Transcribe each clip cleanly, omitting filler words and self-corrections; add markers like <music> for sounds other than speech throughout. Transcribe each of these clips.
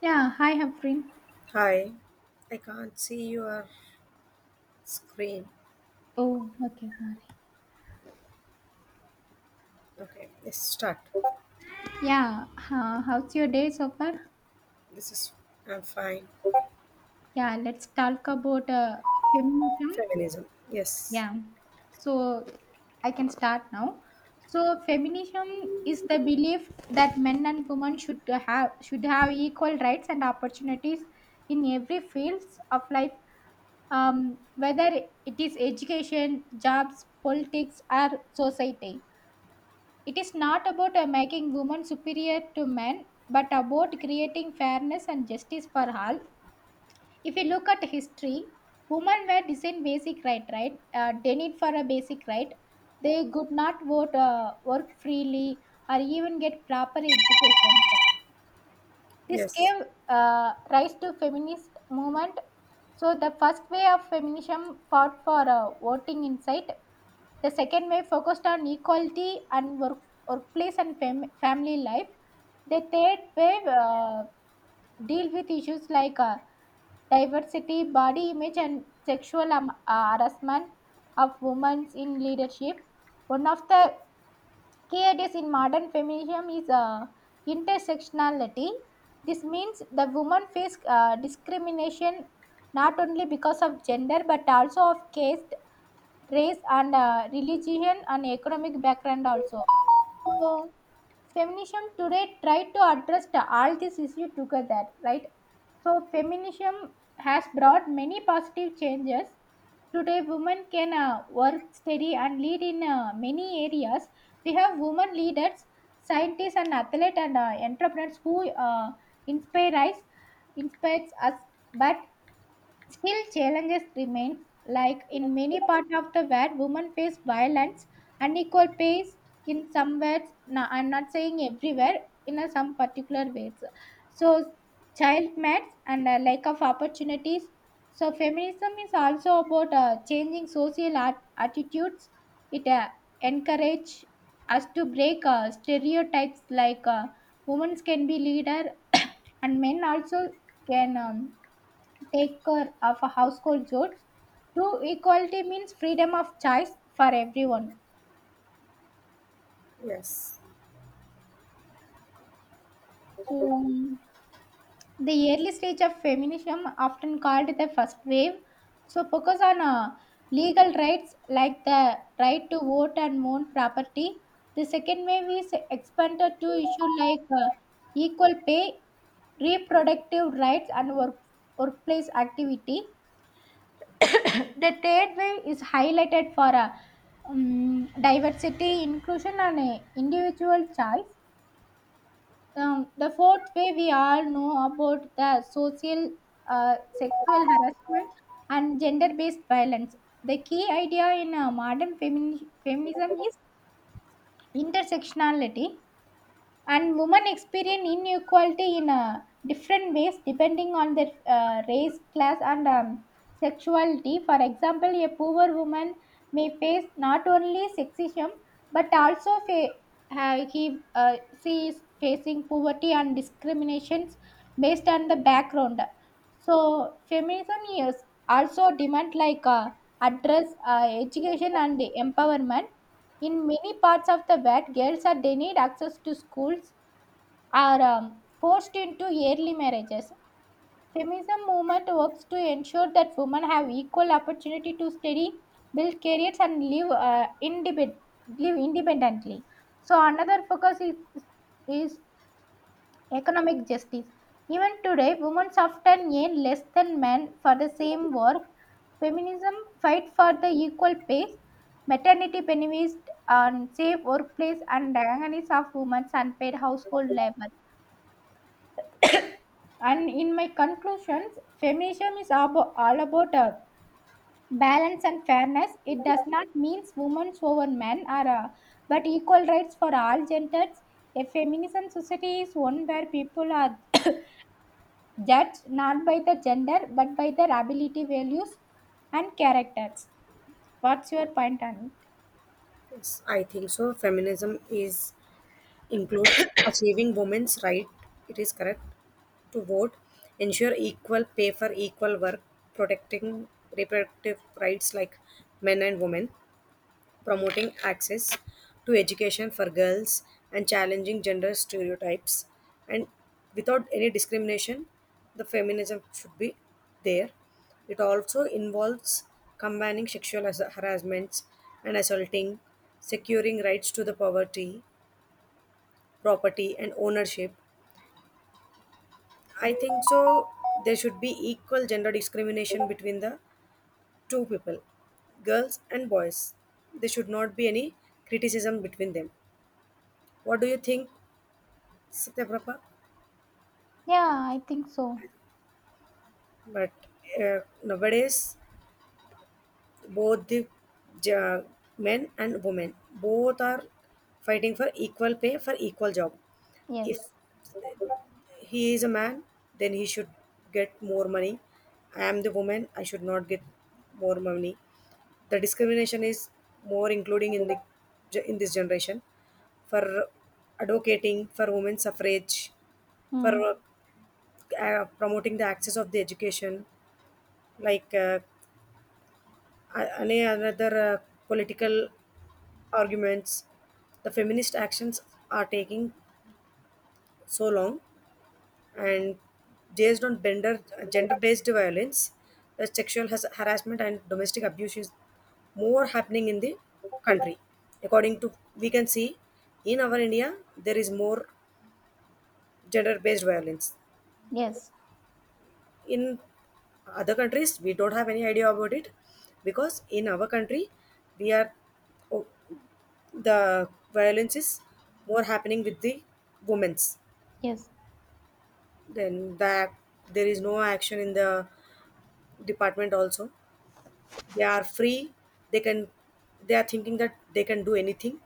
Yeah, hi Hafrin. Hi, I can't see your screen. Oh, okay, sorry. Okay, let's start. Yeah, how's your day so far? This is I'm fine. Yeah, let's talk about feminism. Feminism. Yes, Yeah, so I can start now. So feminism is the belief that men and women should have equal rights and opportunities in every fields of life, whether it is education, jobs, politics, or society. It is not about making women superior to men, but about creating fairness and justice for all. If you look at history, women were designed basic right, right? Denied for a basic right. They could not vote, work freely, or even get proper education. This yes, gave rise to feminist movement. So the first way of feminism fought for voting in sight, the second wave focused on equality and work, workplace and family life. The third wave deal with issues like diversity, body image, and sexual harassment of women in leadership. One of the key ideas in modern feminism is intersectionality. This means the women face discrimination not only because of gender but also of caste, race and religion and economic background also. So feminism today try to address all these issues together, right? So feminism has brought many positive changes. Today, women can work, study, and lead in many areas. We have women leaders, scientists, and athletes and entrepreneurs who inspire us, inspires us. But still, challenges remain, like in many parts of the world, women face violence, unequal pay in some ways. No, I'm not saying everywhere, some particular ways. So, child marriage and lack of opportunities. So, feminism is also about changing social attitudes. It encourages us to break stereotypes like women can be leader <coughs> and men also can. Take care of household chores. True equality means freedom of choice for everyone. yes, So, the early stage of feminism, often called the first wave, so focus on legal rights like the right to vote and own property. The second wave is expanded to issue like uh, equal pay, reproductive rights, and work, workplace activity. The third way is highlighted for a diversity, inclusion, and a individual choice. The fourth way we all know about the social, sexual harassment and gender-based violence. The key idea in modern feminism is intersectionality, and women experience inequality in different ways depending on their race, class and sexuality. For example, a poor woman may face not only sexism but also fa- he she is facing poverty and discriminations based on the background. So feminism is also demand like address education and empowerment. In many parts of the world, girls are denied access to schools, are forced into early marriages. Feminism movement works to ensure that women have equal opportunity to study, build careers, and live live independently. So another focus is economic justice. Even today, women often earn less than men for the same work. Feminism fight for the equal pay, maternity benefits, and safe workplace, and awareness of women's unpaid household labor. And in my conclusions, feminism is all about balance and fairness. It does not mean women over men are, but equal rights for all genders. A feminism society is one where people are judged not by the gender but by their ability, values, and characters. What's your point on it? yes. I think so. Feminism is includes achieving women's right. It is correct to vote, ensure equal pay for equal work, protecting reproductive rights like men and women, promoting access to education for girls, and challenging gender stereotypes, and without any discrimination the feminism should be there. It also involves combining sexual harassments and assaulting, securing rights to the poverty, property and ownership. I think so there should be equal gender discrimination between the two people, girls and boys. There should not be any criticism between them. What do you think, Satyaprabha? Yeah, I think so. But nowadays, both the ja- men and women both are fighting for equal pay for equal job. If Yes. he is a man, then he should get more money. I am the woman. I should not get more money. The discrimination is more including in the in this generation, for advocating for women's suffrage, Hmm. for promoting the access of the education, like any other political arguments. The feminist actions are taking so long, and based on gender, gender based violence. The sexual has, harassment and domestic abuse is more happening in the country. According to we can see in our India, there is more gender based violence. Yes. In other countries we don't have any idea about it because in our country we are, oh, the violence is more happening with the women's. Yes. Then that there is no action in the department also. They are free. They can, they are thinking that they can do anything.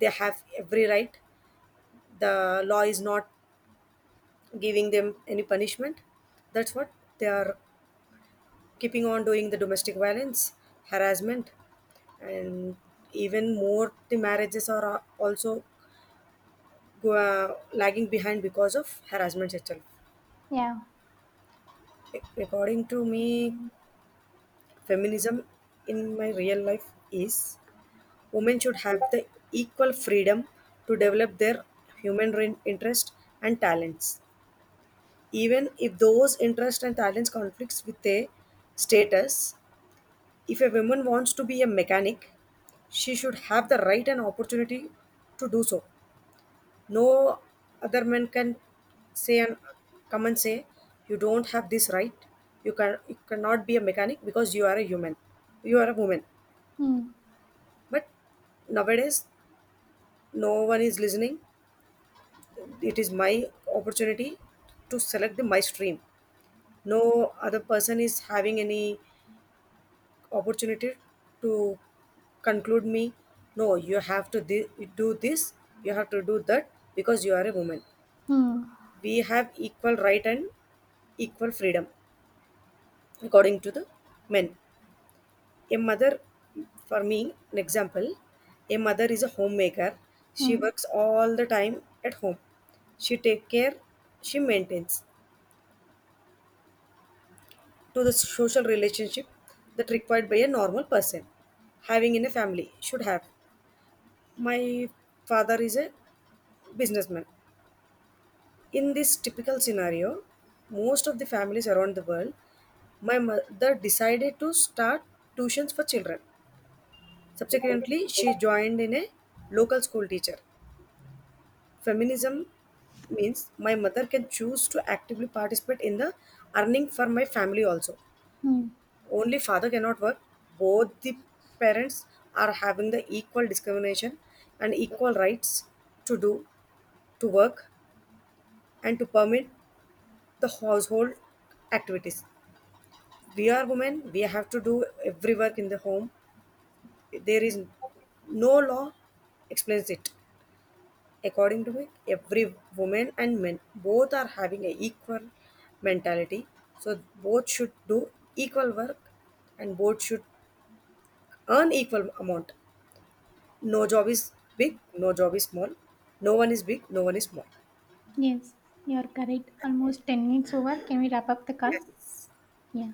They have every right. The law is not giving them any punishment. That's what they are keeping on doing the domestic violence, harassment. And even more, the marriages are also go, lagging behind because of harassment itself. Yeah. According to me, feminism in my real life is women should have the equal freedom to develop their interest and talents. Even if those interests and talents conflicts with a status, if a woman wants to be a mechanic, she should have the right and opportunity to do so. No other man can say and come and say, you don't have this right. You cannot be a mechanic because you are a human. You are a woman. Hmm. But nowadays no one is listening. It is my opportunity to select the my stream. No other person is having any opportunity to conclude me. No, you have to do this. You have to do that because you are a woman. Hmm. We have equal right and equal freedom according to the men. A mother, for me, an example, a mother is a homemaker. Hmm. She works all the time at home. She takes care, she maintains to the social relationship that required by a normal person having in a family should have. My father is a businessman. In this typical scenario, most of the families around the world, my mother decided to start tuitions for children. Subsequently, she joined in a local school teacher. Feminism means my mother can choose to actively participate in the earning for my family also. Hmm. Only father cannot work. Both the parents are having the equal discrimination and equal rights to do, to work, and to permit the household activities. We are women, we have to do every work in the home. There is no law explains it. According to me, every woman and men both are having a equal mentality. So both should do equal work and both should earn equal amount. No job is big, no job is small. No one is big, no one is small. Yes, you're correct. Almost 10 minutes over. Can we wrap up the call? Yeah.